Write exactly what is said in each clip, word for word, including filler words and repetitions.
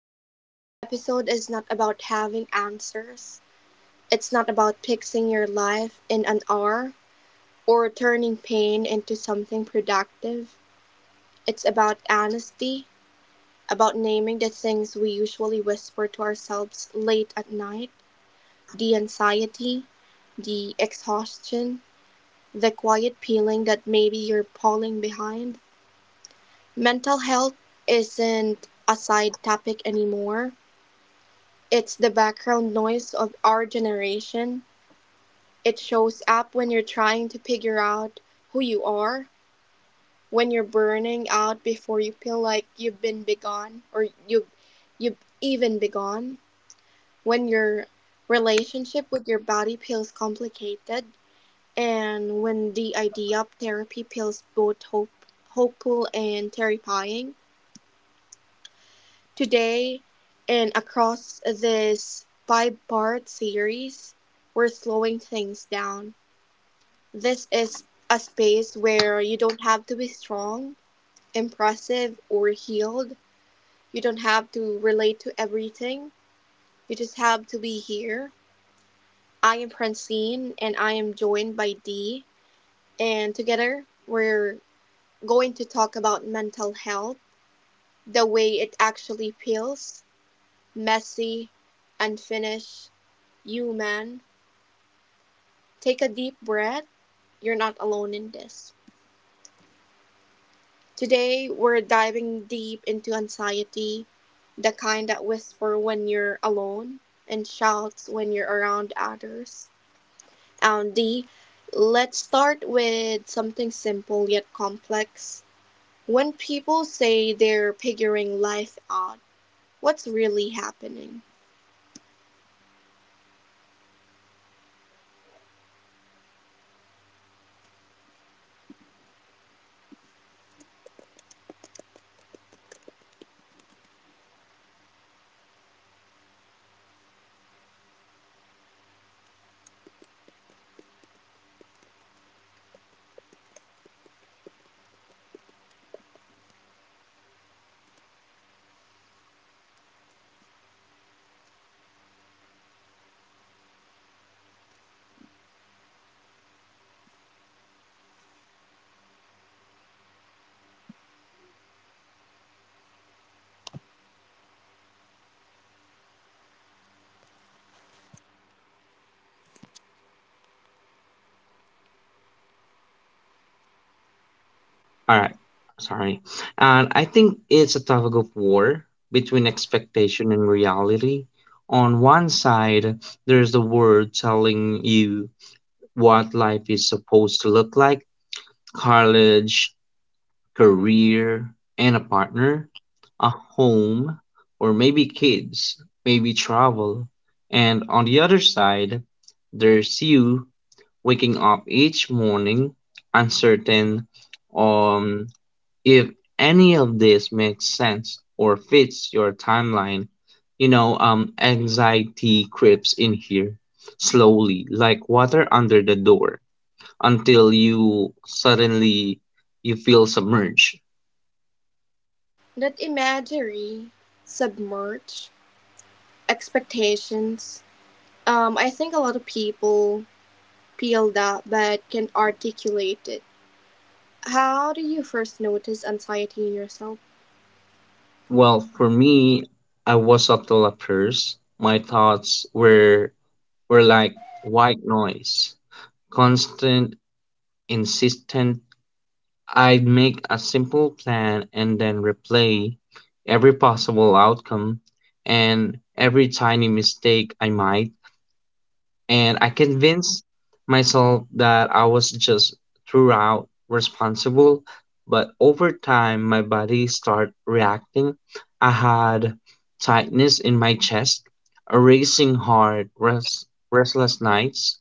that this episode is not about having answers. It's not about fixing your life in an hour or turning pain into something productive. It's about honesty, about naming the things we usually whisper to ourselves late at night: the anxiety, the exhaustion, the quiet feeling that maybe you're falling behind. Mental health isn't a side topic anymore. It's the background noise of our generation. It shows up when you're trying to figure out who you are, when you're burning out before you feel like you've been begone or you you've even begun, when your relationship with your body feels complicated, and when the idea of therapy feels both hope, hopeful and terrifying. Today, and across this five-part series, we're slowing things down. This is a space where you don't have to be strong, impressive, or healed. You don't have to relate to everything. You just have to be here. I am Francine, and I am joined by Dee. And together, we're going to talk about mental health, the way it actually feels: messy, unfinished, human. Take a deep breath. You're not alone in this. Today, we're diving deep into anxiety, the kind that whispers when you're alone and shouts when you're around others. And D, let's start with something simple yet complex. When people say they're figuring life out, what's really happening? All right, sorry. And I think it's a tug of war between expectation and reality. On one side, there's the world telling you what life is supposed to look like college, career, and a partner, a home, or maybe kids, maybe travel. And on the other side, there's you waking up each morning uncertain on if any of this makes sense or fits your timeline, you know, um, anxiety creeps in here slowly, like water under the door, until you suddenly you feel submerged. That imagery, submerge, expectations. Um, I think a lot of people Pilda but can't articulate it. How do you first notice anxiety in yourself? Well, for me, I was subtle at first. My thoughts were were like white noise, constant, insistent. I'd make a simple plan and then replay every possible outcome and every tiny mistake I might, and I convinced myself that I was just throughout responsible, but over time my body started reacting. I had tightness in my chest, a racing heart, rest, restless nights.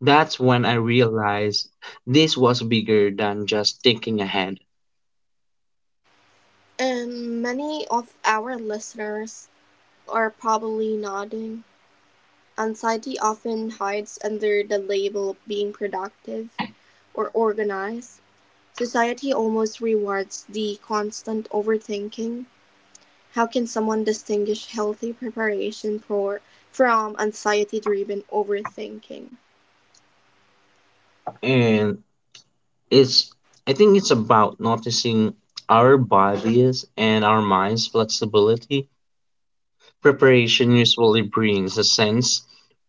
That's when I realized this was bigger than just thinking ahead. And many of our listeners are probably nodding. Anxiety often hides under the label of being productive or organized. Society almost rewards the constant overthinking. How can someone distinguish healthy preparation for from anxiety driven overthinking? And it's I think it's about noticing our bodies and our minds flexibility. Preparation usually brings a sense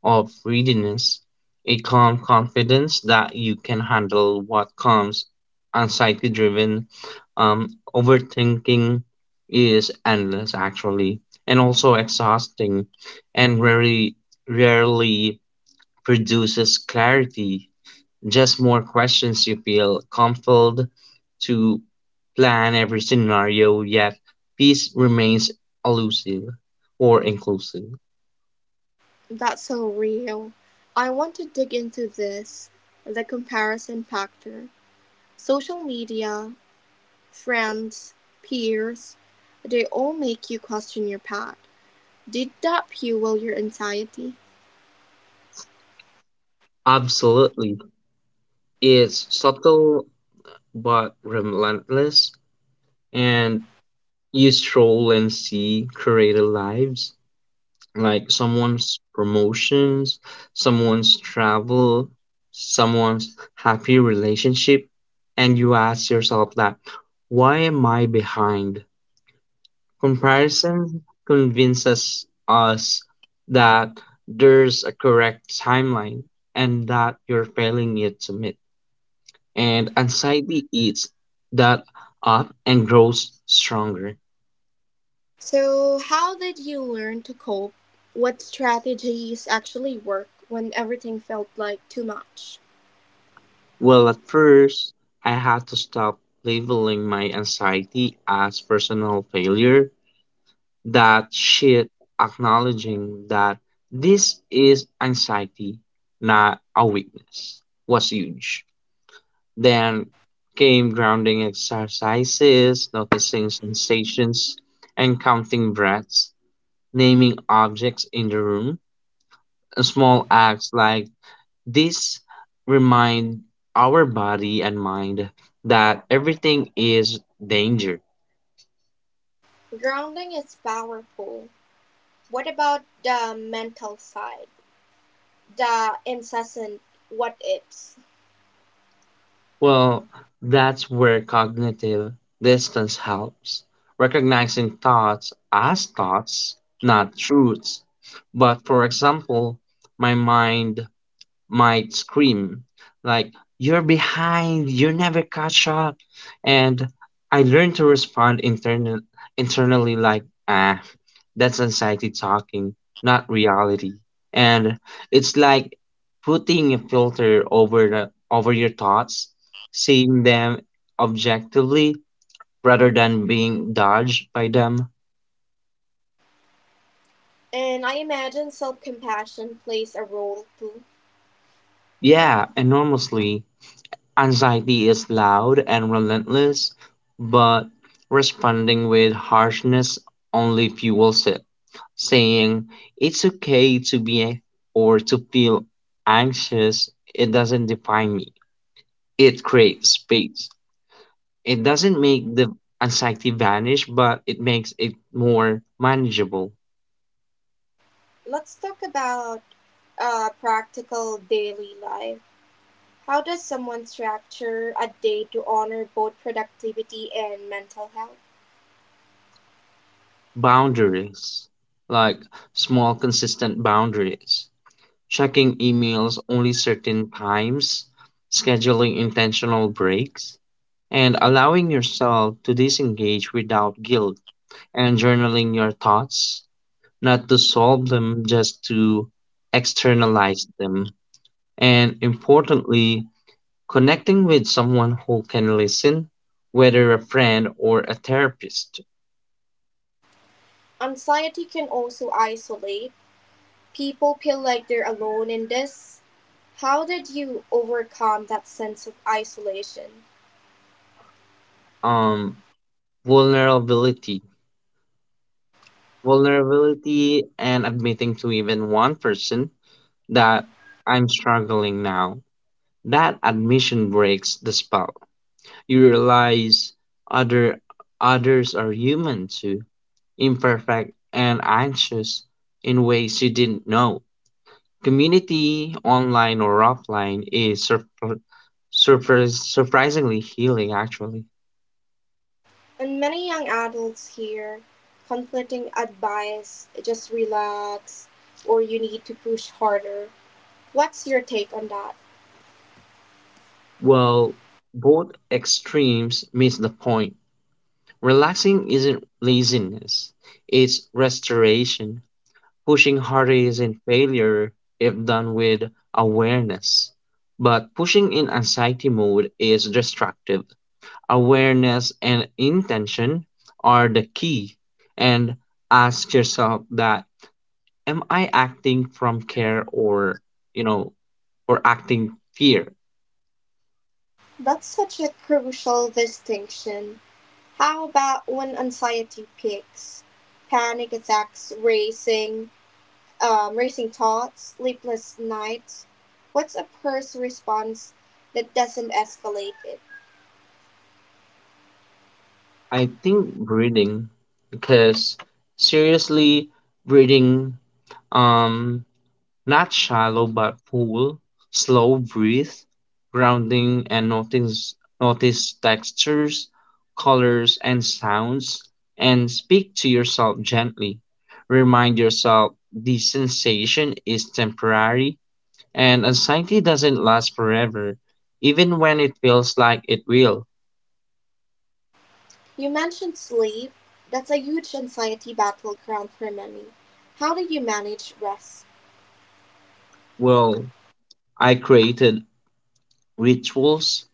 of readiness, a calm confidence that you can handle what comes. Anxiety driven um, overthinking is endless actually, and also exhausting, and rarely rarely produces clarity, just more questions you feel compelled to plan every scenario, yet peace remains elusive or inclusive. That's so real. I want to dig into this the comparison factor. Social media, friends, peers, they all make you question your path. Did that fuel your anxiety? Absolutely. It's subtle but relentless, and you stroll and see creative lives like someone's promotions, someone's travel, someone's happy relationship, and you ask yourself that why am I behind? Comparison convinces us that there's a correct timeline and that you're failing it to meet. And anxiety eats that up and grows stronger. So, how did you learn to cope? What strategies actually work when everything felt like too much? Well, at first, I had to stop labeling my anxiety as personal failure. That shit, acknowledging that this is anxiety, not a weakness, was huge. Then came grounding exercises, noticing sensations and counting breaths, naming objects in the room. Small acts like this remind our body and mind that everything is danger. Grounding is powerful. What about the mental side? The incessant what ifs? Well, that's where cognitive distance helps, recognizing thoughts as thoughts, not truths. But for example, my mind might scream like you're behind you never catch up, and I learned to respond internal, internally, like ah, that's anxiety talking, not reality. And it's like putting a filter over the, over your thoughts, seeing them objectively rather than being dodged by them. And I imagine self compassion plays a role too. Yeah, enormously. Anxiety is loud and relentless, but responding with harshness only fuels it. Saying it's okay to be or to feel anxious, it doesn't define me. It creates space. It doesn't make the anxiety vanish, but it makes it more manageable. Let's talk about uh, practical daily life. How does someone structure a day to honor both productivity and mental health? Boundaries, like small, consistent boundaries. Checking emails only certain times, scheduling intentional breaks, and allowing yourself to disengage without guilt, and journaling your thoughts, not to solve them, just to externalize them. And importantly, connecting with someone who can listen, whether a friend or a therapist. Anxiety can also isolate. People feel like they're alone in this. How did you overcome that sense of isolation? Um, Vulnerability. Vulnerability and admitting to even one person that I'm struggling now. That admission breaks the spell. You realize other others are human too, imperfect and anxious in ways you didn't know. Community, online or offline, is surpri- surpri- surprisingly healing actually. And many young adults here conflicting advice just relax or you need to push harder. What's your take on that? Well, both extremes miss the point. Relaxing isn't laziness, it's restoration. Pushing harder isn't failure if done with awareness, but pushing in anxiety mode is destructive. Awareness and intention are the key, and ask yourself that am I acting from care or you know or acting fear? That's such a crucial distinction. How about when anxiety peaks? Panic attacks, racing, um, racing thoughts, sleepless nights. What's a first response that doesn't escalate it? I think breathing, because seriously breathing, um not shallow but full, slow breathe, grounding, and notice notice textures, colors, and sounds, and speak to yourself gently. Remind yourself the sensation is temporary and anxiety doesn't last forever, even when it feels like it will. You mentioned sleep. That's a huge anxiety battleground for many. How do you manage rest? Well, I created rituals,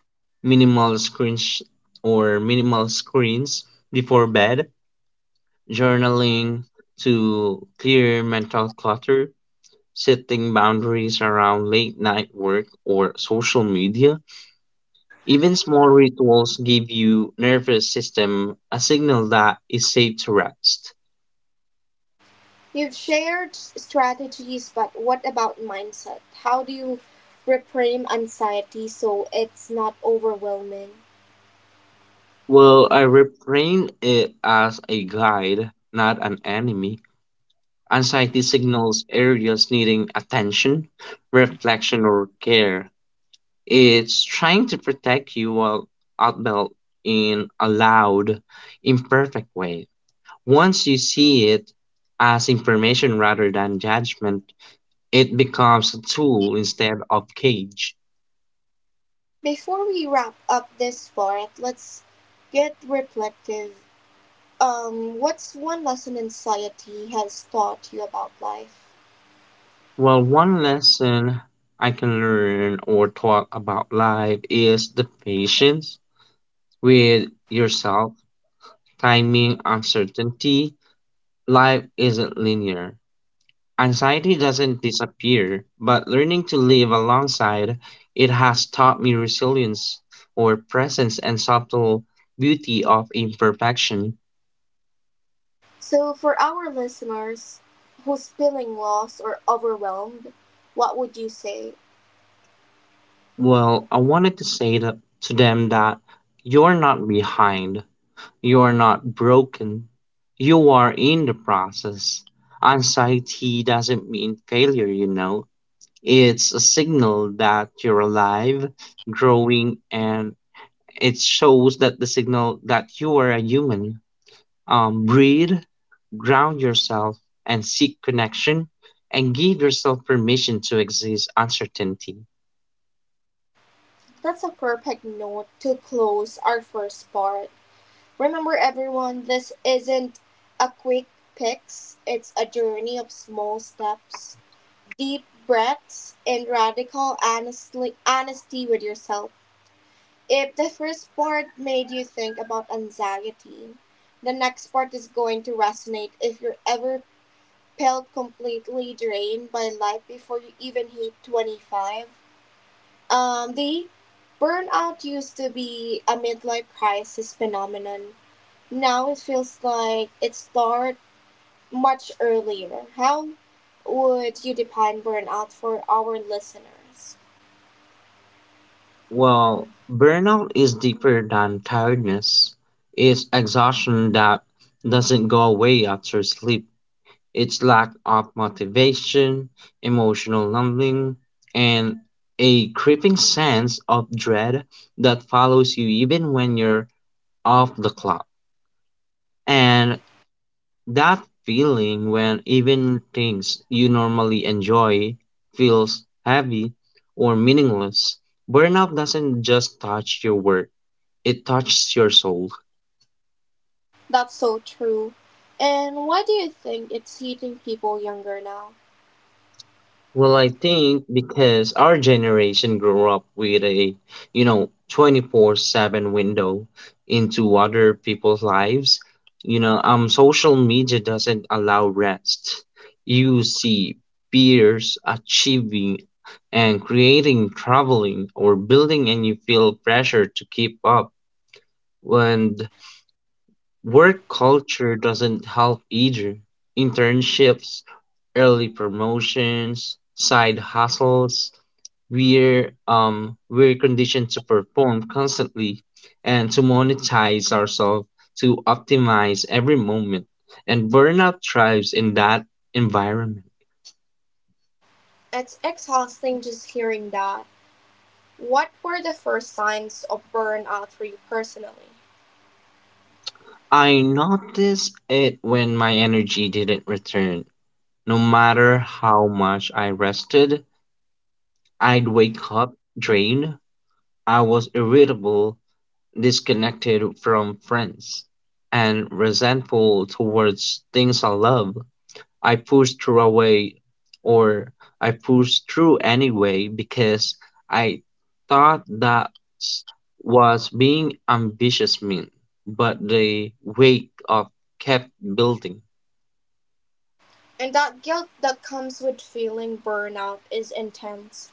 minimal screens or minimal screens before bed, journaling to clear mental clutter, setting boundaries around late night work or social media. Even small rituals give you nervous system a signal that it's safe to rest. You've shared strategies, but what about mindset? How do you reframe anxiety so it's not overwhelming? Well, I reframe it as a guide, not an enemy. Anxiety signals areas needing attention, reflection, or care. It's trying to protect you while out belt in a loud, imperfect way. Once you see it as information rather than judgment, it becomes a tool instead of cage. Before we wrap up this part, let's get reflective. Um, what's one lesson anxiety has taught you about life? Well, one lesson I can learn or talk about life is the patience with yourself, timing, uncertainty. Life isn't linear. Anxiety doesn't disappear, but learning to live alongside it has taught me resilience or presence and subtle beauty of imperfection. So, for our listeners who's feeling lost or overwhelmed, what would you say? Well, I wanted to say that to them that you're not behind, you're not broken, you are in the process. Anxiety doesn't mean failure, you know. It's a signal that you're alive, growing, and it shows that the signal that you are a human. Um, breathe, ground yourself, and seek connection, and give yourself permission to exist uncertainty. That's a perfect note to close our first part. Remember everyone, this isn't a quick fix, it's a journey of small steps, deep breaths, and radical honestly, honesty with yourself. If the first part made you think about anxiety, the next part is going to resonate if you are ever felt completely drained by life before you even hit twenty-five. Um, the burnout used to be a midlife crisis phenomenon now it feels like it started much earlier. How would you define burnout for our listeners? Well, burnout is deeper than tiredness. It's exhaustion that doesn't go away after sleep. It's lack of motivation, emotional numbing, and a creeping sense of dread that follows you even when you're off the clock. And that feeling when even things you normally enjoy feels heavy or meaningless, burnout doesn't just touch your work, it touches your soul. That's so true. And why do you think it's hitting people younger now? Well, I think because our generation grew up with a, you know, twenty-four seven window into other people's lives, you know, um social media doesn't allow rest. You see peers achieving and creating, traveling, or building, and you feel pressure to keep up. And work culture doesn't help either. Internships, early promotions, side hustles. We're um we're conditioned to perform constantly and to monetize ourselves to optimize every moment. And burnout thrives in that environment. It's exhausting just hearing that. What were the first signs of burnout for you personally? I noticed it when my energy didn't return. No matter how much I rested, I'd wake up drained. I was irritable, disconnected from friends, and resentful towards things I love. I pushed through away, or I pushed through anyway because I thought that was being ambitious mean, but the weight of kept building. And that guilt that comes with feeling burnout is intense.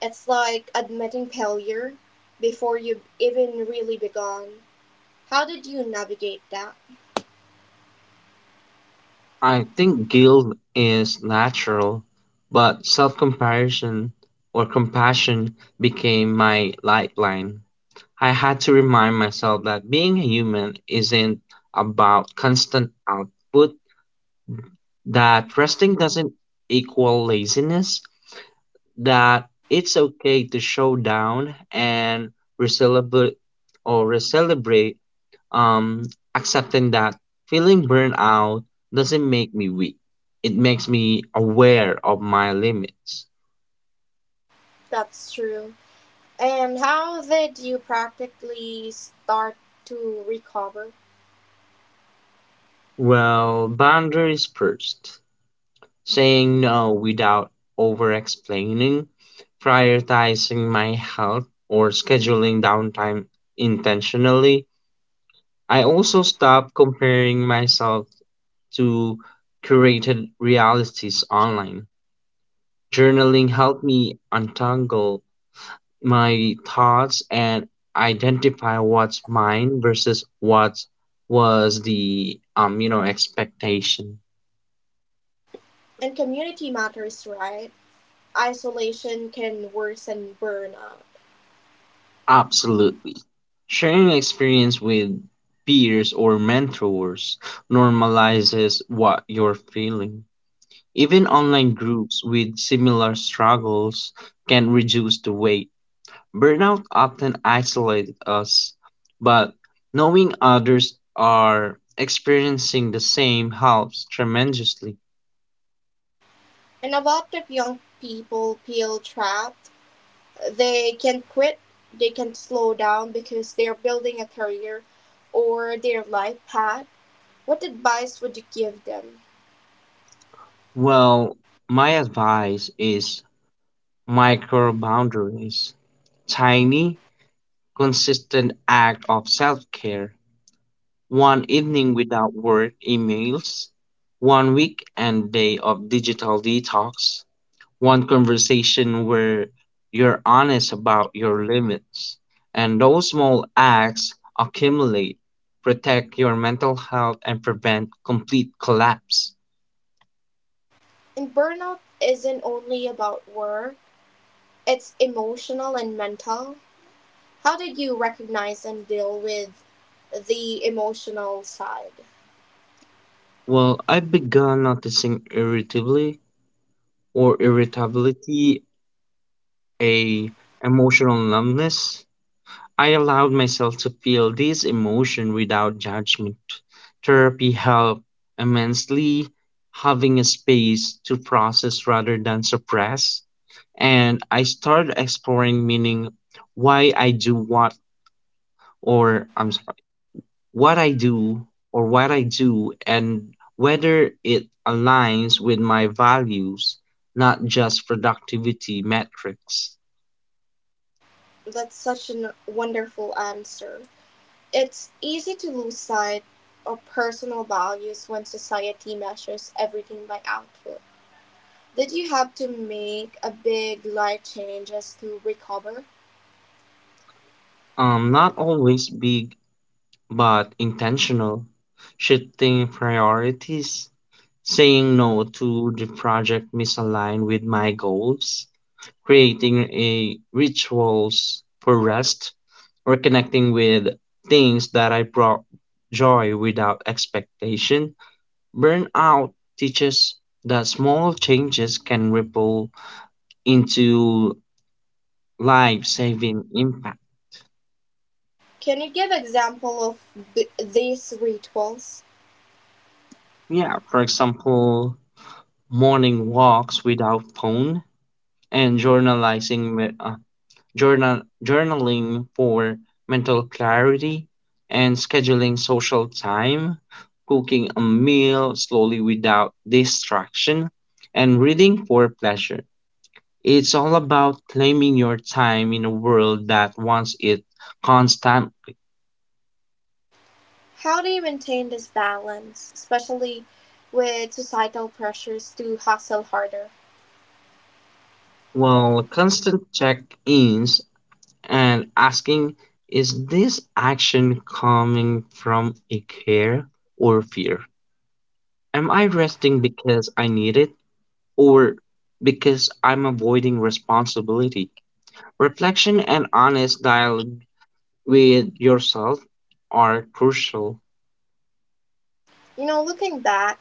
It's like admitting failure before you've even really begun. How did you navigate that? I think guilt is natural, but self comparison or compassion became my lifeline. I had to remind myself that being a human isn't about constant output, that resting doesn't equal laziness, that it's okay to show down and we celebrate or we celebrate um, accepting that feeling burned out doesn't make me weak. It makes me aware of my limits. That's true. And how did you practically start to recover? Well, boundaries first. Saying no without over explaining, prioritizing my health, or scheduling downtime intentionally. I also stop comparing myself to curated realities online. Journaling helped me untangle my thoughts and identify what's mine versus what was the um you know expectation. And community matters, right? Isolation can worsen burnout. Absolutely. Sharing experience with peers or mentors normalizes what you're feeling. Even online groups with similar struggles can reduce the weight. Burnout often isolates us, but knowing others are experiencing the same helps tremendously. And a lot of young people feel trapped. They can quit, they can slow down because they're building a career or their life path. What advice would you give them? Well, my advice is micro boundaries, tiny, consistent act of self-care, one evening without work emails, one week and day of digital detox, one conversation where you're honest about your limits. And those small acts accumulate, protect your mental health, and prevent complete collapse. And burnout isn't only about work, it's emotional and mental. How did you recognize and deal with the emotional side? Well, I've begun noticing irritability or irritability, a emotional numbness. I allowed myself to feel this emotion without judgment. Therapy helped immensely, having a space to process rather than suppress. And I started exploring meaning, why I do what or I'm sorry, what I do or what I do and whether it aligns with my values, not just productivity metrics. That's such a wonderful answer. It's easy to lose sight of personal values when society measures everything by output. Did you have to make a big life change changes to recover? Um, not always big but intentional, shifting priorities, saying no to the project misaligned with my goals, creating a rituals for rest, or connecting with things that I brought joy without expectation. Burnout teaches that small changes can ripple into life-saving impact. Can you give an example of b- these rituals? Yeah, for example, morning walks without phone, and journalizing me- uh, journal journaling for mental clarity, and scheduling social time, cooking a meal slowly without distraction, and reading for pleasure. It's all about claiming your time in a world that wants it constantly. How do you maintain this balance, especially with societal pressures to hustle harder? Well, constant check-ins, and asking is this action coming from a care or fear? Am I resting because I need it or because I'm avoiding responsibility? Reflection and honest dialogue with yourself are crucial. You know, looking back,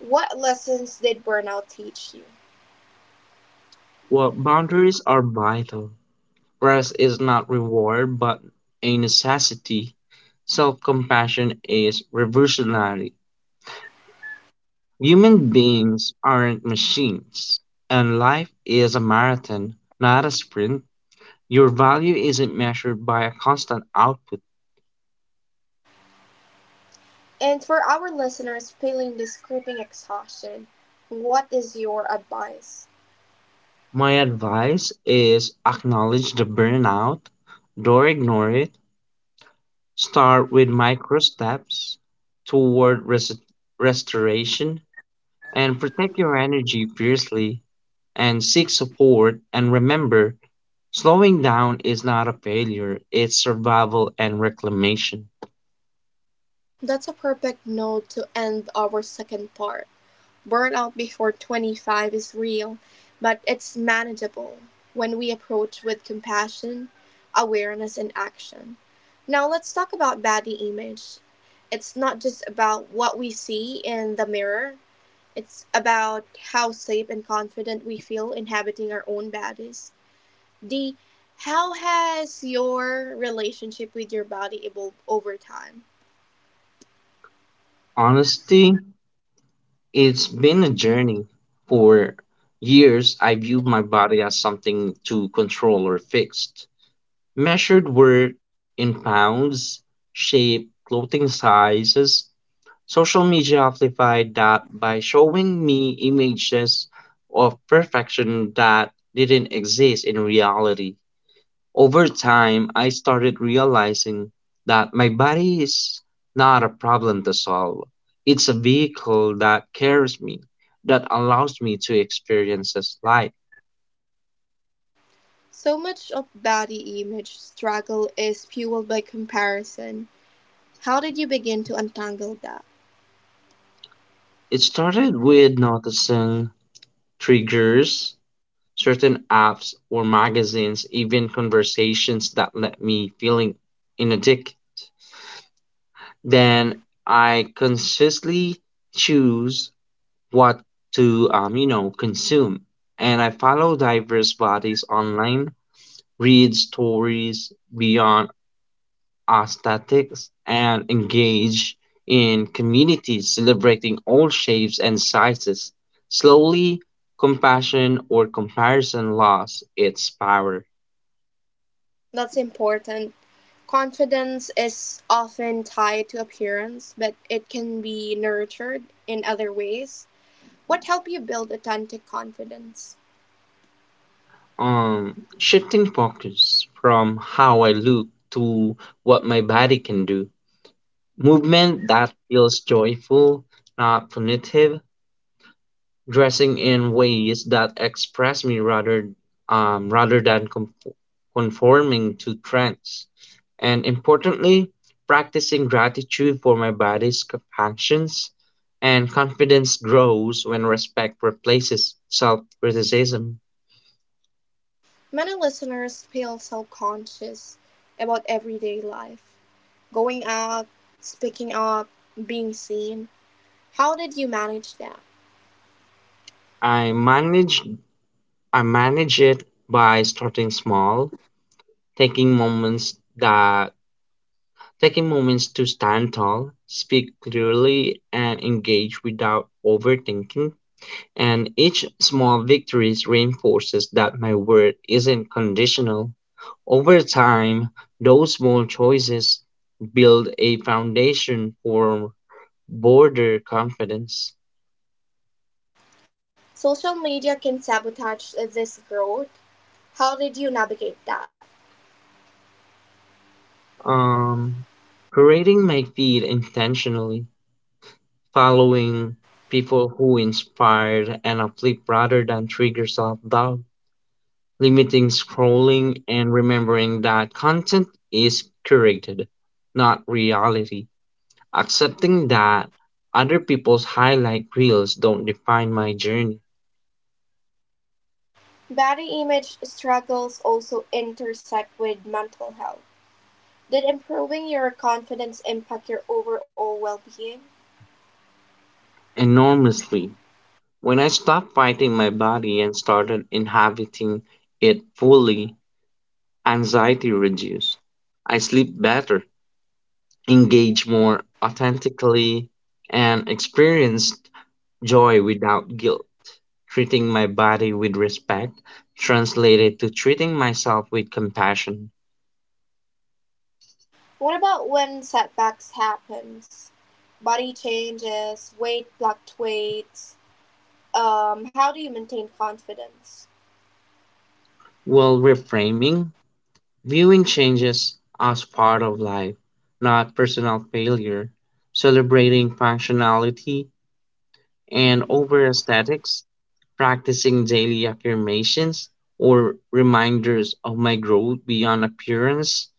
what lessons did burnout teach you? Well, boundaries are vital. Rest is not reward but a necessity. Self compassion is revolutionary. Human beings aren't machines, and life is a marathon, not a sprint. Your value isn't measured by a constant output. And for our listeners feeling this creeping exhaustion, what is your advice? My advice is acknowledge the burnout, don't ignore it. Start with micro steps toward res- restoration, and protect your energy fiercely, and seek support. And remember, slowing down is not a failure, it's survival and reclamation. That's a perfect note to end our second part. Burnout before twenty-five is real, but it's manageable when we approach with compassion, awareness, and action. Now, let's talk about body image. It's not just about what we see in the mirror, it's about how safe and confident we feel inhabiting our own bodies. D. How has your relationship with your body evolved over time? Honestly, it's been a journey. For years, I viewed my body as something to control or fix. Measured were in pounds, shape, clothing sizes. Social media amplified that by showing me images of perfection that didn't exist in reality. Over time, I started realizing that my body is not a problem to solve. It's a vehicle that carries me, that allows me to experience this life. So much of body image struggle is fueled by comparison. How did you begin to untangle that? It started with noticing triggers, certain apps or magazines, even conversations that let me feeling in a dick, then I consciously choose what to um, you know consume. And I follow diverse bodies online, read stories beyond aesthetics, and engage in communities celebrating all shapes and sizes. Slowly, compassion or comparison lost its power. That's important. Confidence is often tied to appearance, but it can be nurtured in other ways. What helped you build authentic confidence? Um, shifting focus from how I look to what my body can do. Movement that feels joyful, not punitive. Dressing in ways that express me rather, um, rather than conf- conforming to trends. And importantly, practicing gratitude for my body's compactions. And confidence grows when respect replaces self criticism. Many listeners feel self-conscious about everyday life, going out, speaking up, being seen. How did you manage that? I managed I manage it by starting small, taking moments that taking moments to stand tall, speak clearly and engage without overthinking. And each small victory reinforces that my word isn't conditional. Over time, those small choices build a foundation for border confidence. Social media can sabotage this growth. How did you navigate that? Um, Creating my feed intentionally. Following people who inspire and uplift rather than trigger self doubt, limiting scrolling, and remembering that content is curated, not reality. Accepting that other people's highlight reels don't define my journey. Body image struggles also intersect with mental health. Did improving your confidence impact your overall well-being? Enormously. When I stopped fighting my body and started inhabiting it fully, anxiety reduced. I sleep better, engage more authentically, and experienced joy without guilt. Treating my body with respect translated to treating myself with compassion, What about when setbacks happens? Body changes, weight fluctuates, um, how do you maintain confidence? while reframing, viewing changes as part of life, not personal failure, celebrating functionality and over aesthetics, practicing daily affirmations or reminders of my growth beyond appearance.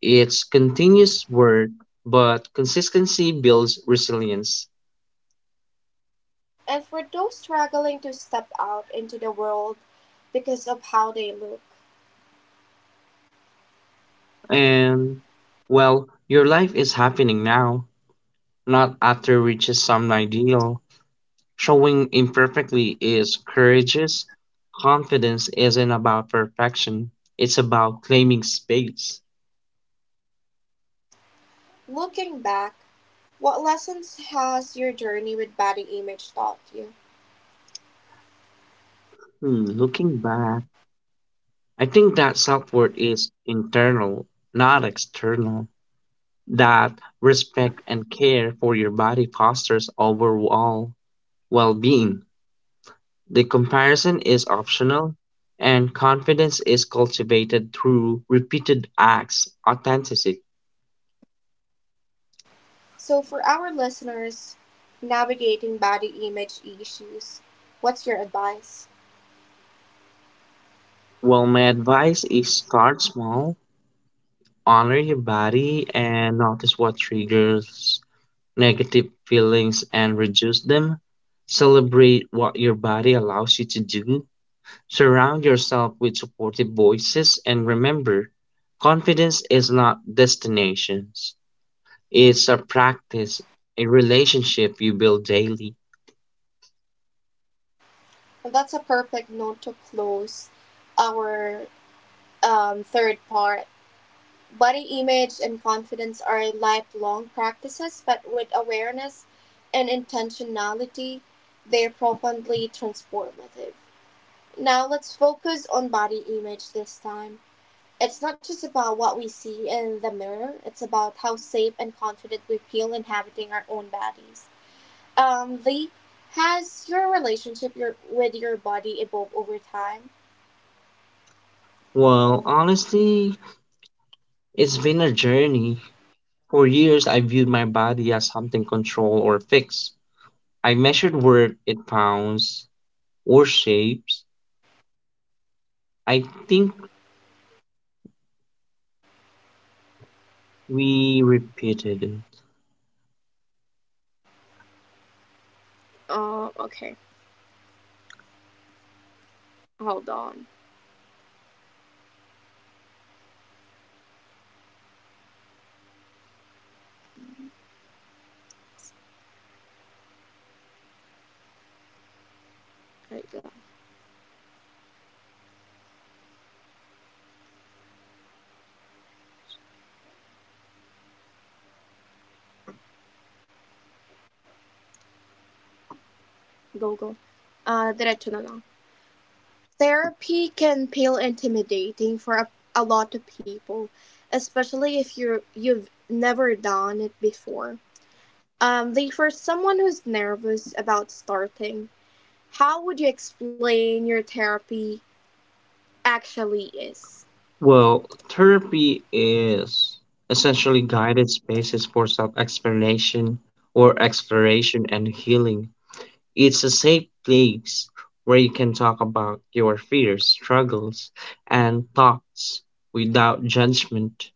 It's continuous work, but consistency builds resilience. And for those struggling to step out into the world because of how they look, And, well, your life is happening now, not after reaches some ideal. Showing imperfectly is courageous. Confidence isn't about perfection, it's about claiming space. looking back, what lessons has your journey with body image taught you? Hmm, looking back, I think that self worth is internal, not external. That respect and care for your body fosters overall well-being. The comparison is optional, and confidence is cultivated through repeated acts, authenticity. So, for our listeners navigating body image issues, what's your advice? Well, my advice is start small, honor your body, and notice what triggers negative feelings and reduce them. Celebrate what your body allows you to do. Surround yourself with supportive voices, and remember, confidence is not destinations. It's a practice, a relationship you build daily. And that's a perfect note to close our um, third part. Body image and confidence are lifelong practices, but with awareness and intentionality, they're profoundly transformative. Now, let's focus on body image this time. It's not just about what we see in the mirror, it's about how safe and confident we feel inhabiting our own bodies. Um, Lee, has your relationship your, with your body evolved over time? Well, honestly, it's been a journey. For years, I viewed my body as something controlled or fixed. I measured worth in pounds or shapes. I think we repeated it. Um, uh, okay. Hold on. Wait lang. Go, go. Ah, diretso na lang. Therapy can feel intimidating for a a lot of people, especially if you you've never done it before. Um, like for someone who's nervous about starting, how would you explain your therapy actually is? Well, therapy is essentially guided spaces for self explanation or exploration and healing. It's a safe place where you can talk about your fears, struggles, and thoughts without judgment.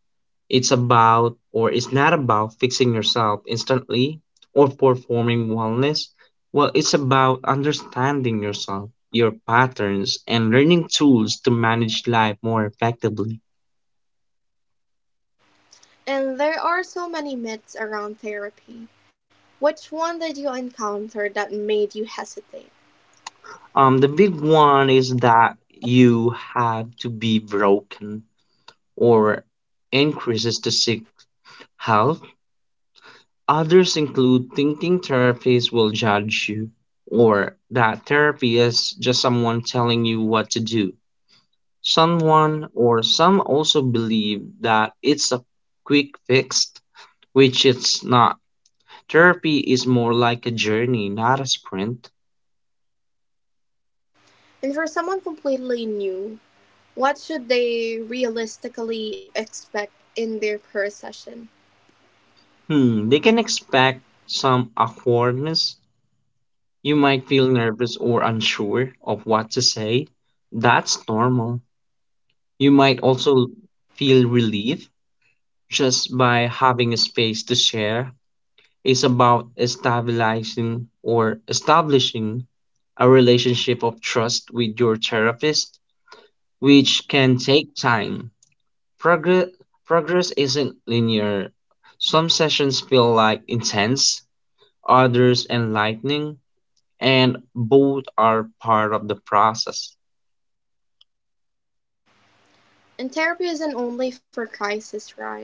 It's about or it's not about fixing yourself instantly or performing wellness. Well, it's about understanding yourself, your patterns, and learning tools to manage life more effectively. And there are so many myths around therapy. Which one did you encounter that made you hesitate? Um, the big one is that you have to be broken or increases to seek help. Others include thinking therapists will judge you, or that therapy is just someone telling you what to do. Someone or some also believe that it's a quick fix, which it's not. Therapy is more like a journey, not a sprint. And for someone completely new, what should they realistically expect in their per session? Hmm, they can expect some awkwardness. You might feel nervous or unsure of what to say. That's normal. You might also feel relief just by having a space to share. It's about stabilizing or establishing a relationship of trust with your therapist, which can take time. Progress, Progress isn't linear. Some sessions feel like intense, others enlightening, and both are part of the process. And therapy isn't only for crisis, right?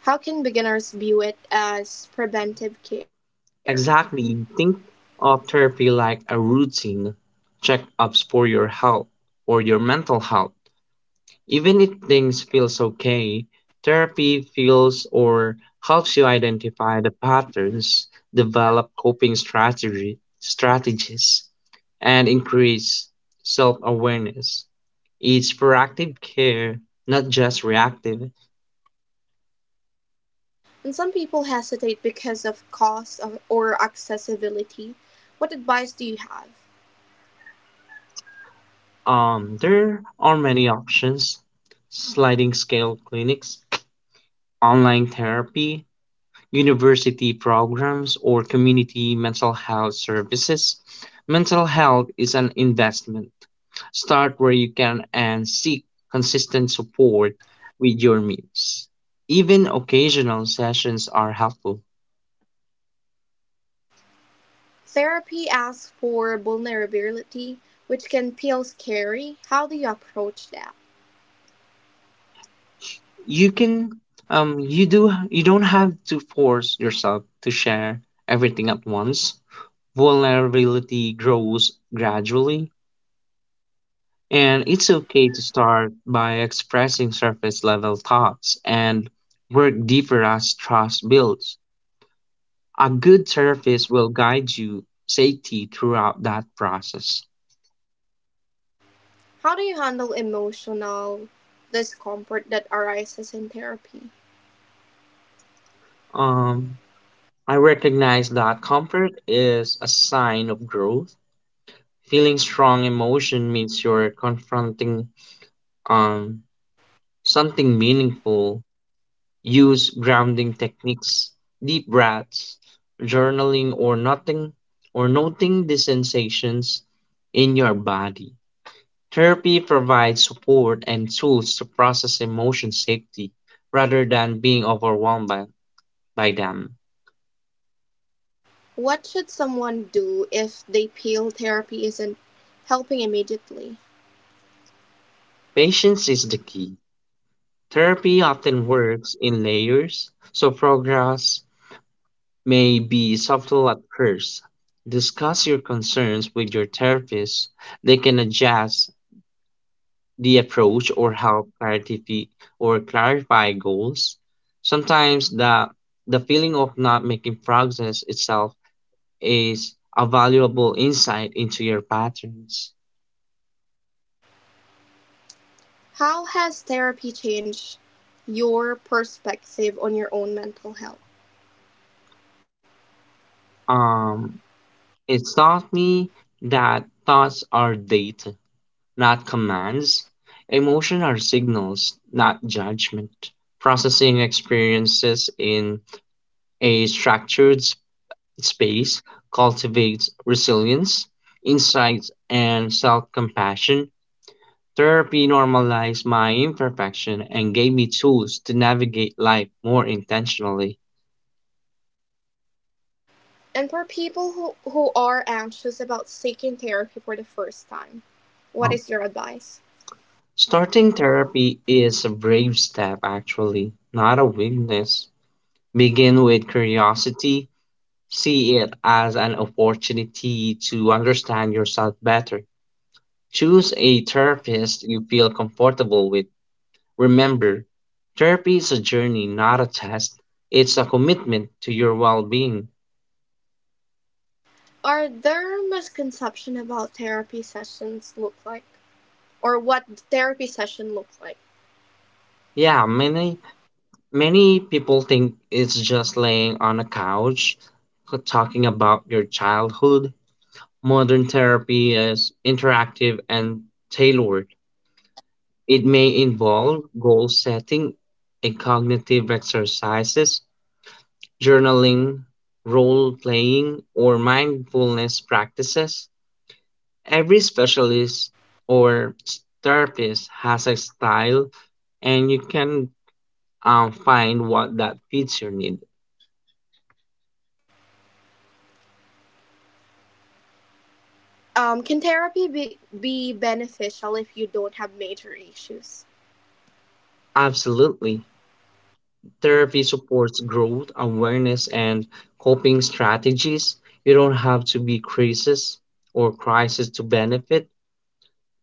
How can beginners view it as preventive care? Exactly. Think of therapy like a routine checkups for your health or your mental health. Even if things feels okay, therapy feels or helps you identify the patterns, develop coping strategy strategies, and increase self-awareness. It's proactive care, not just reactive. And some people hesitate because of cost of- or accessibility. What advice do you have? Um, there are many options: sliding scale clinics, online therapy, university programs, or community mental health services. Mental health is an investment. Start where you can and seek consistent support with your means. Even occasional sessions are helpful. Therapy asks for vulnerability, which can feel scary. How do you approach that? You can um you do you don't have to force yourself to share everything at once. Vulnerability grows gradually. And it's okay to start by expressing surface level thoughts and work deeper as trust builds. A good therapist will guide you safety throughout that process. How do you handle emotional discomfort that arises in therapy? Um, I recognize that comfort is a sign of growth. Feeling strong emotion means you're confronting um, something meaningful. Use grounding techniques, deep breaths, journaling or nothing or noting the sensations in your body. Therapy provides support and tools to process emotions safely rather than being overwhelmed by, by them. What should someone do if they feel therapy isn't helping immediately? Patience is the key. Therapy often works in layers, so progress may be subtle at first. Discuss your concerns with your therapist. They can adjust the approach or help clarify or clarify goals. Sometimes the the feeling of not making progress itself is a valuable insight into your patterns. How has therapy changed your perspective on your own mental health? Um, it taught me that thoughts are data, not commands. Emotion are signals, not judgment. Processing experiences in a structured space cultivates resilience, insights, and self compassion. Therapy normalized my imperfection and gave me tools to navigate life more intentionally. And for people who, who are anxious about seeking therapy for the first time, what is your Um, advice? Starting therapy is a brave step, actually, not a weakness. Begin with curiosity, see it as an opportunity to understand yourself better. Choose a therapist you feel comfortable with. Remember, therapy is a journey, not a test. It's a commitment to your well-being. Are there misconceptions about therapy sessions look like? Or what therapy session look like? Yeah, many many people think it's just laying on a couch c- talking about your childhood. Modern therapy is interactive and tailored. It may involve goal setting and cognitive exercises, journaling, role playing, or mindfulness practices. Every specialist or therapist has a style, and you can um, find what that fits your need. Um, can therapy be, be beneficial if you don't have major issues? Absolutely. Therapy supports growth, awareness, and coping strategies. You don't have to be crisis or crisis to benefit.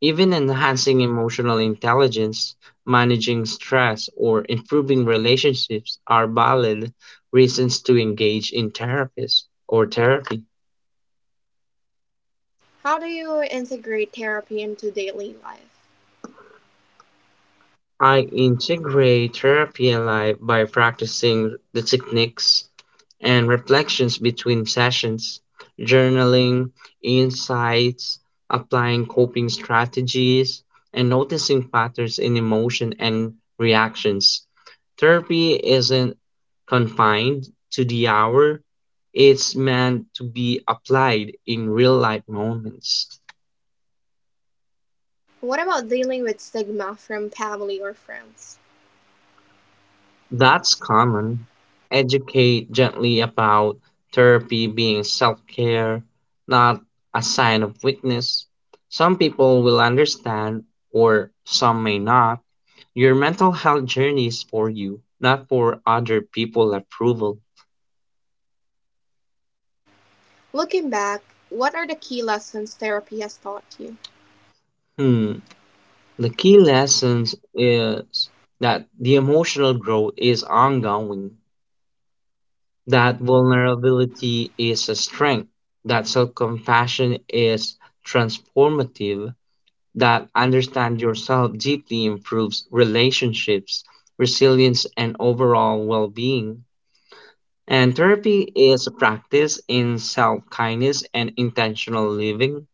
Even enhancing emotional intelligence, managing stress, or improving relationships are valid reasons to engage in therapies or therapy. How do you integrate therapy into daily life? I integrate therapy and life by practicing the techniques and reflections between sessions, journaling, insights, applying coping strategies, and noticing patterns in emotion and reactions. Therapy isn't confined to the hour, it's meant to be applied in real life moments. What about dealing with stigma from family or friends? That's common. Educate gently about therapy being self care, not a sign of weakness. Some people will understand, or some may not. Your mental health journey is for you, not for other people approval. Looking back, what are the key lessons therapy has taught you? Hmm. The key lessons is that the emotional growth is ongoing, that vulnerability is a strength, that self compassion is transformative, that understand yourself deeply improves relationships, resilience, and overall well being. And therapy is a practice in self kindness and intentional living.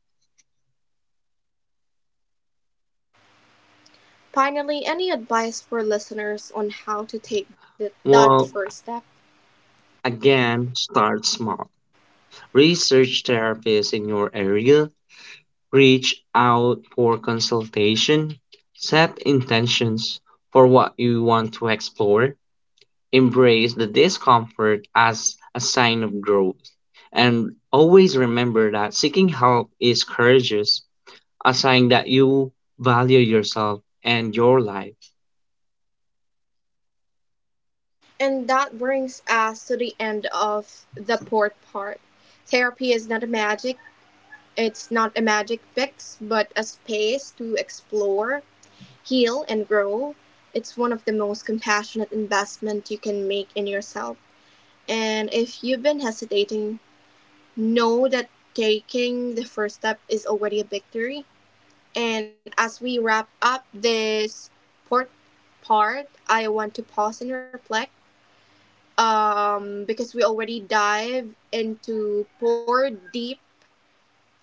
Finally, any advice for listeners on how to take the, that first Well, step? again, start small. Research therapists in your area, reach out for consultation, set intentions for what you want to explore, embrace the discomfort as a sign of growth. And always remember that seeking help is courageous, a sign that you value yourself and your life. And that brings us to the end of the port part. Therapy is not a magic, it's not a magic fix, but a space to explore, heal, and grow. It's one of the most compassionate investments you can make in yourself. And if you've been hesitating know that taking the first step is already a victory. And as we wrap up this port part, I want to pause and reflect um, because we already dive into four deep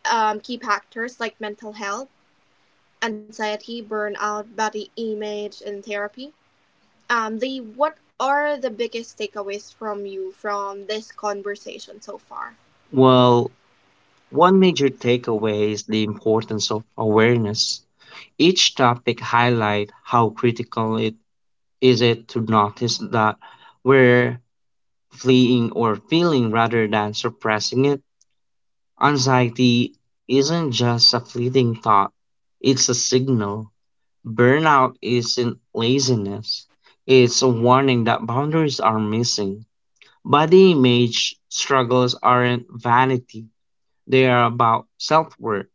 um, key factors like mental health, anxiety, burnout, body image, and therapy. Um, the What are the biggest takeaways from you from this conversation so far? Well, one major takeaway is the importance of awareness. Each topic highlight how critical it is it to notice that we're fleeing or feeling rather than suppressing it. Anxiety isn't just a fleeting thought, it's a signal. Burnout isn't laziness, it's a warning that boundaries are missing. Body image struggles aren't vanity, they are about self worth.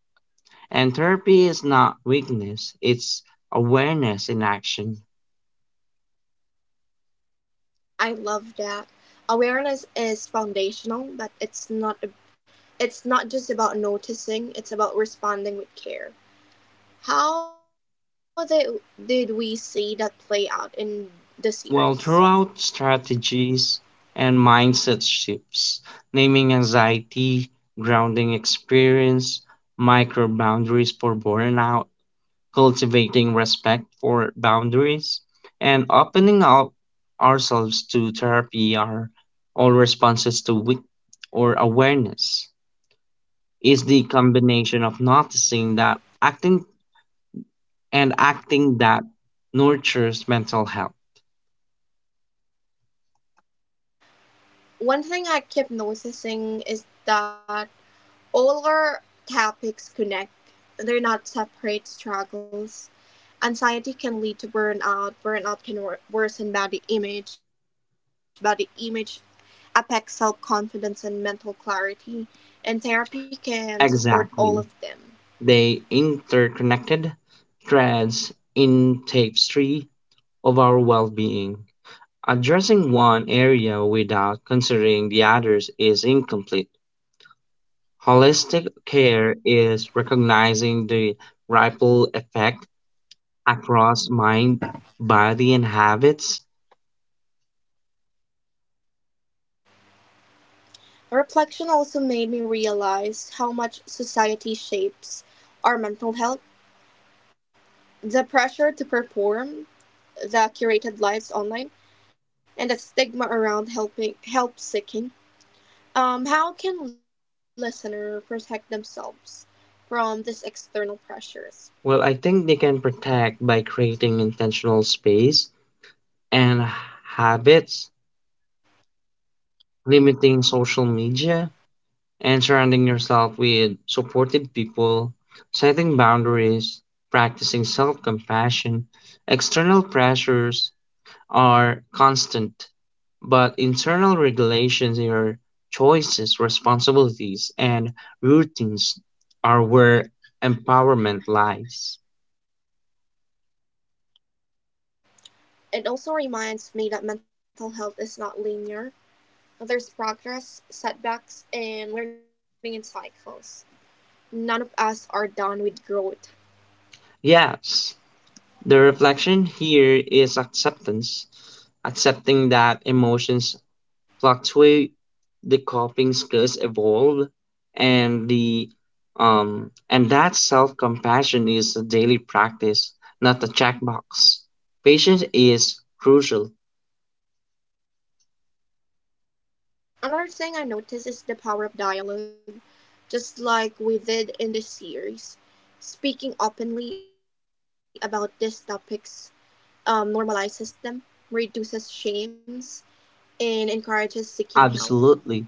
And therapy is not weakness, it's awareness in action. I love that. Awareness is foundational, but it's not it's not just about noticing, it's about responding with care. How did, did we see that play out in the series? Well, throughout strategies and mindset shifts, naming anxiety, grounding experience, micro boundaries for burnout, cultivating respect for boundaries, and opening up ourselves to therapy are all responses to wit or awareness. Is the combination of noticing that acting and acting that nurtures mental health. One thing I kept noticing is that all our topics connect. They're not separate struggles. Anxiety can lead to burnout. Burnout can worsen body image. Body image affect self-confidence and mental clarity, and therapy can support all of them. Exactly. They interconnected threads in tapestry of our well-being. Addressing one area without considering the others is incomplete. Holistic care is recognizing the ripple effect across mind, body, and habits. The reflection also made me realize how much society shapes our mental health. The pressure to perform, the curated lives online, and the stigma around helping help seeking. Um, how can listener protect themselves from these external Well, pressures? I think they can protect by creating intentional space and habits, limiting social media, and surrounding yourself with supportive people, setting boundaries, practicing self compassion. External pressures are constant, but internal regulations, your choices, responsibilities, and routines are where empowerment lies. It also reminds me that mental health is not linear. There's progress, setbacks, and learning in cycles. None of us are done with growth. Yes, the reflection here is acceptance, accepting that emotions fluctuate, the coping skills evolve, and the um, and that self compassion is a daily practice, not a checkbox. Patience is crucial, Another thing I noticed is the power of dialogue, just like we did in this series. Speaking openly about these topics um, normalizes them, reduces shames, and encourages seeking help. absolutely.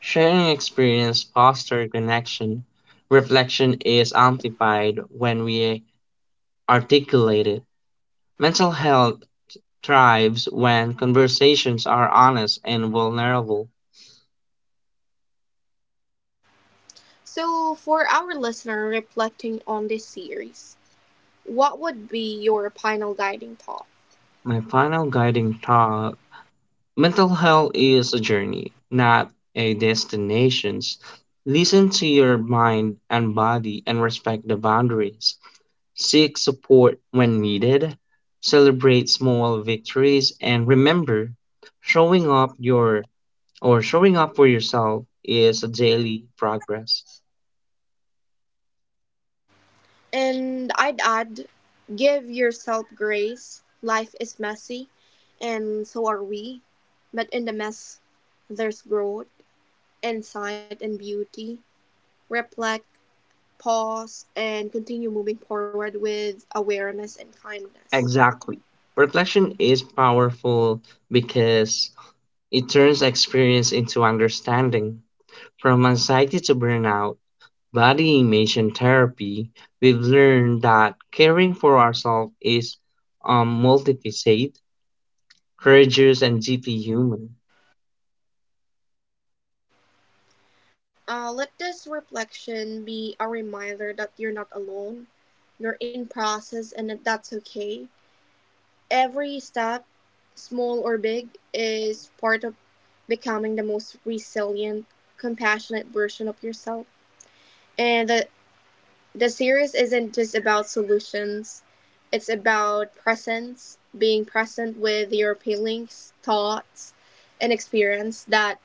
Sharing experience fosters connection. Reflection is amplified when we articulate it. Mental health thrives when conversations are honest and vulnerable. So, for our listener reflecting on this series, what would be your final guiding thought? My final guiding thought. Mental health is a journey, not a destination. Listen to your mind and body and respect the boundaries. Seek support when needed. Celebrate small victories and remember showing up your or showing up for yourself is a daily progress. And I'd add, give yourself grace. Life is messy, and so are we. But in the mess, there's growth, insight, and beauty. Reflect, pause, and continue moving forward with awareness and kindness. Exactly. Reflection is powerful because it turns experience into understanding. From anxiety to burnout, body image, and therapy, we've learned that caring for ourselves is um, multifaceted, courageous, and deeply human. Uh, let this reflection be a reminder that you're not alone. You're in process, and that that's okay. Every step, small or big, is part of becoming the most resilient, compassionate version of yourself. And the, the series isn't just about solutions, it's about presence, being present with your feelings, thoughts, and experience. That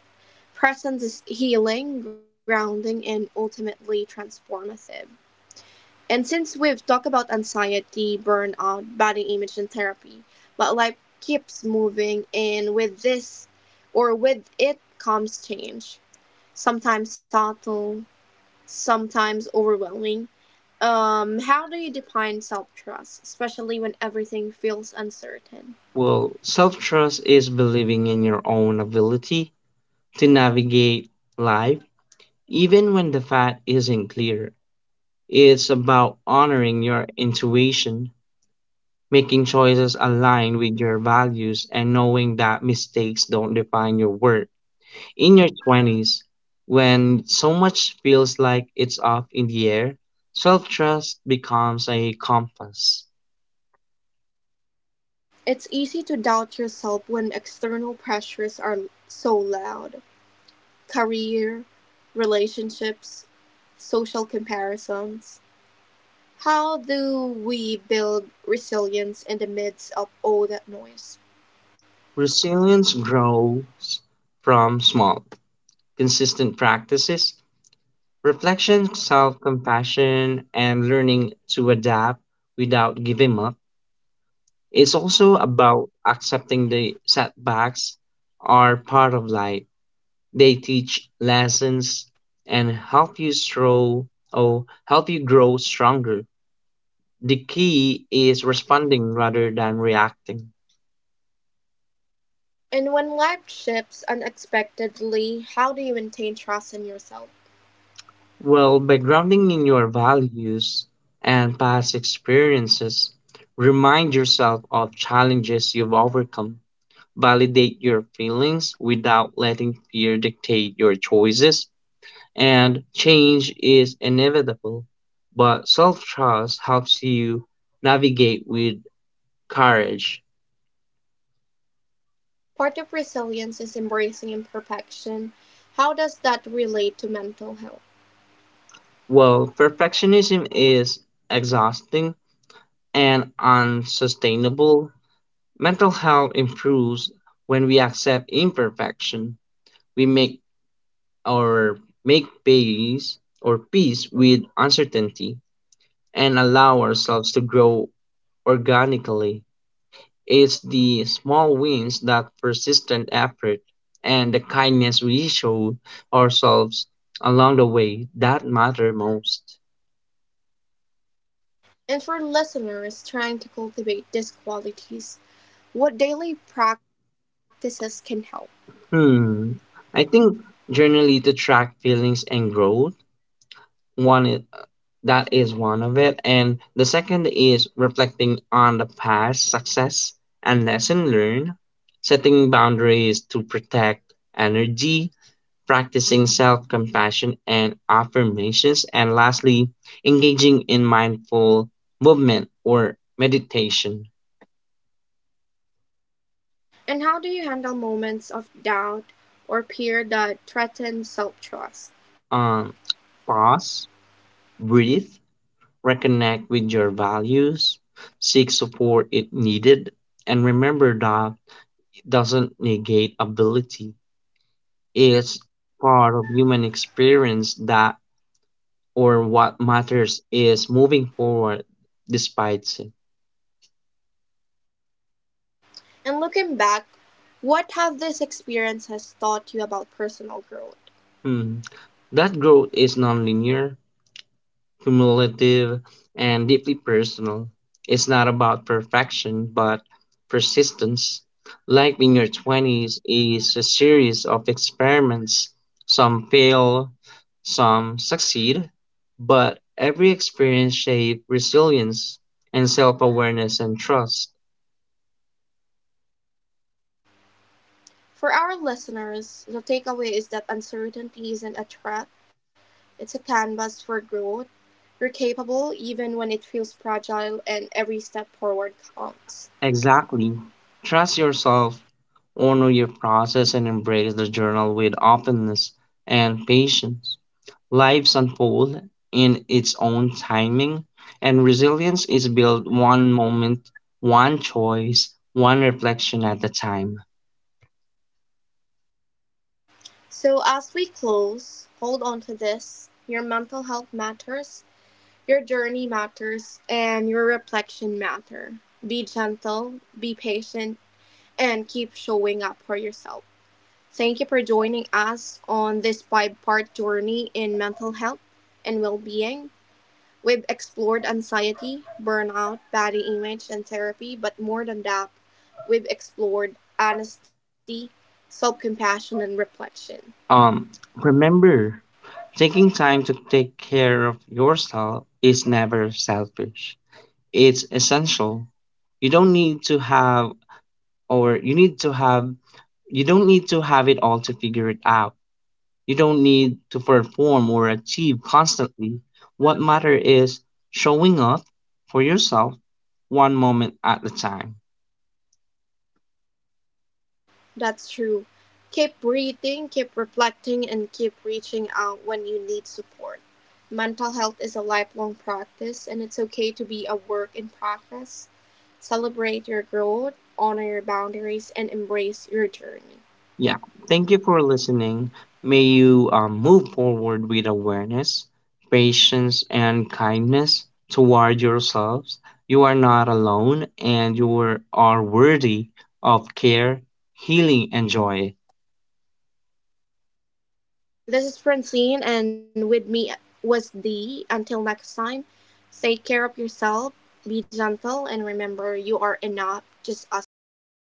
presence is healing, grounding, and ultimately transformative. And since we've talked about anxiety, burnout, body image, and therapy, but life keeps moving, and with this or with it comes change, sometimes subtle, sometimes overwhelming. Um, how do you define self trust, especially when everything feels uncertain? Well, self trust is believing in your own ability to navigate life, even when the path isn't clear. It's about honoring your intuition, making choices aligned with your values, and knowing that mistakes don't define your worth. In your twenties, when so much feels like it's up in the air, self trust becomes a compass. It's easy to doubt yourself when external pressures are so loud: career, relationships, social comparisons. How do we build resilience in the midst of all that noise? Resilience grows from small, consistent practices, reflection, self compassion, and learning to adapt without giving up. It's also about accepting the setbacks are part of life. They teach lessons and help you grow or help you grow stronger. The key is responding rather than reacting. And when life shifts unexpectedly, how do you maintain trust in yourself? Well, by grounding in your values and past experiences, remind yourself of challenges you've overcome. Validate your feelings without letting fear dictate your choices. And change is inevitable, but self trust helps you navigate with courage. Part of resilience is embracing imperfection. How does that relate to mental health? Well, perfectionism is exhausting and unsustainable. Mental health improves when we accept imperfection. We make our Make peace or peace with uncertainty and allow ourselves to grow organically. It's the small wins that persistent effort and the kindness we show ourselves along the way that matter most. And for listeners trying to cultivate these qualities, what daily practices can help? Hmm. I think generally to track feelings and growth, one is, that is one of it, and the second is reflecting on the past success and lesson learned, setting boundaries to protect energy, practicing self-compassion and affirmations, and lastly, engaging in mindful movement or meditation. And how do you handle moments of doubt or fear that threaten self trust? Um, Pause, breathe, reconnect with your values, seek support if needed, and remember that it doesn't negate ability. It's part of human experience that or what matters is moving forward despite it. And looking back, what have this experience has taught you about personal growth? Hmm. That growth is nonlinear, cumulative, and deeply personal. It's not about perfection, but persistence. Life in your twenties is a series of experiments. Some fail, some succeed, but every experience shapes resilience and self awareness and trust. For our listeners, the takeaway is that uncertainty isn't a trap, it's a canvas for growth. You're capable even when it feels fragile, and every step forward counts. Exactly. Trust yourself, honor your process, and embrace the journal with openness and patience. Lives unfold in its own timing, and resilience is built one moment, one choice, one reflection at a time. So, as we close, hold on to this: your mental health matters, your journey matters, and your reflection matter. Be gentle, be patient, and keep showing up for yourself. Thank you for joining us on this five part journey in mental health and well being. We've explored anxiety, burnout, body image, and therapy, but more than that, we've explored honesty, self compassion, and reflection. Um, Remember, taking time to take care of yourself is never selfish. It's essential. You don't need to have, or you need to have, You don't need to have it all to figure it out. You don't need to perform or achieve constantly. What matters is showing up for yourself one moment at a time. That's true. Keep breathing, keep reflecting, and keep reaching out when you need support. Mental health is a lifelong practice, and it's okay to be a work in progress. Celebrate your growth, honor your boundaries, and embrace your journey. Yeah, thank you for listening. May you um, move forward with awareness, patience, and kindness toward yourselves. You are not alone and you are are worthy of care, healing, and joy. This is Francine, and with me was Dee. Until next time, take care of yourself, be gentle, and remember you are enough just as you are.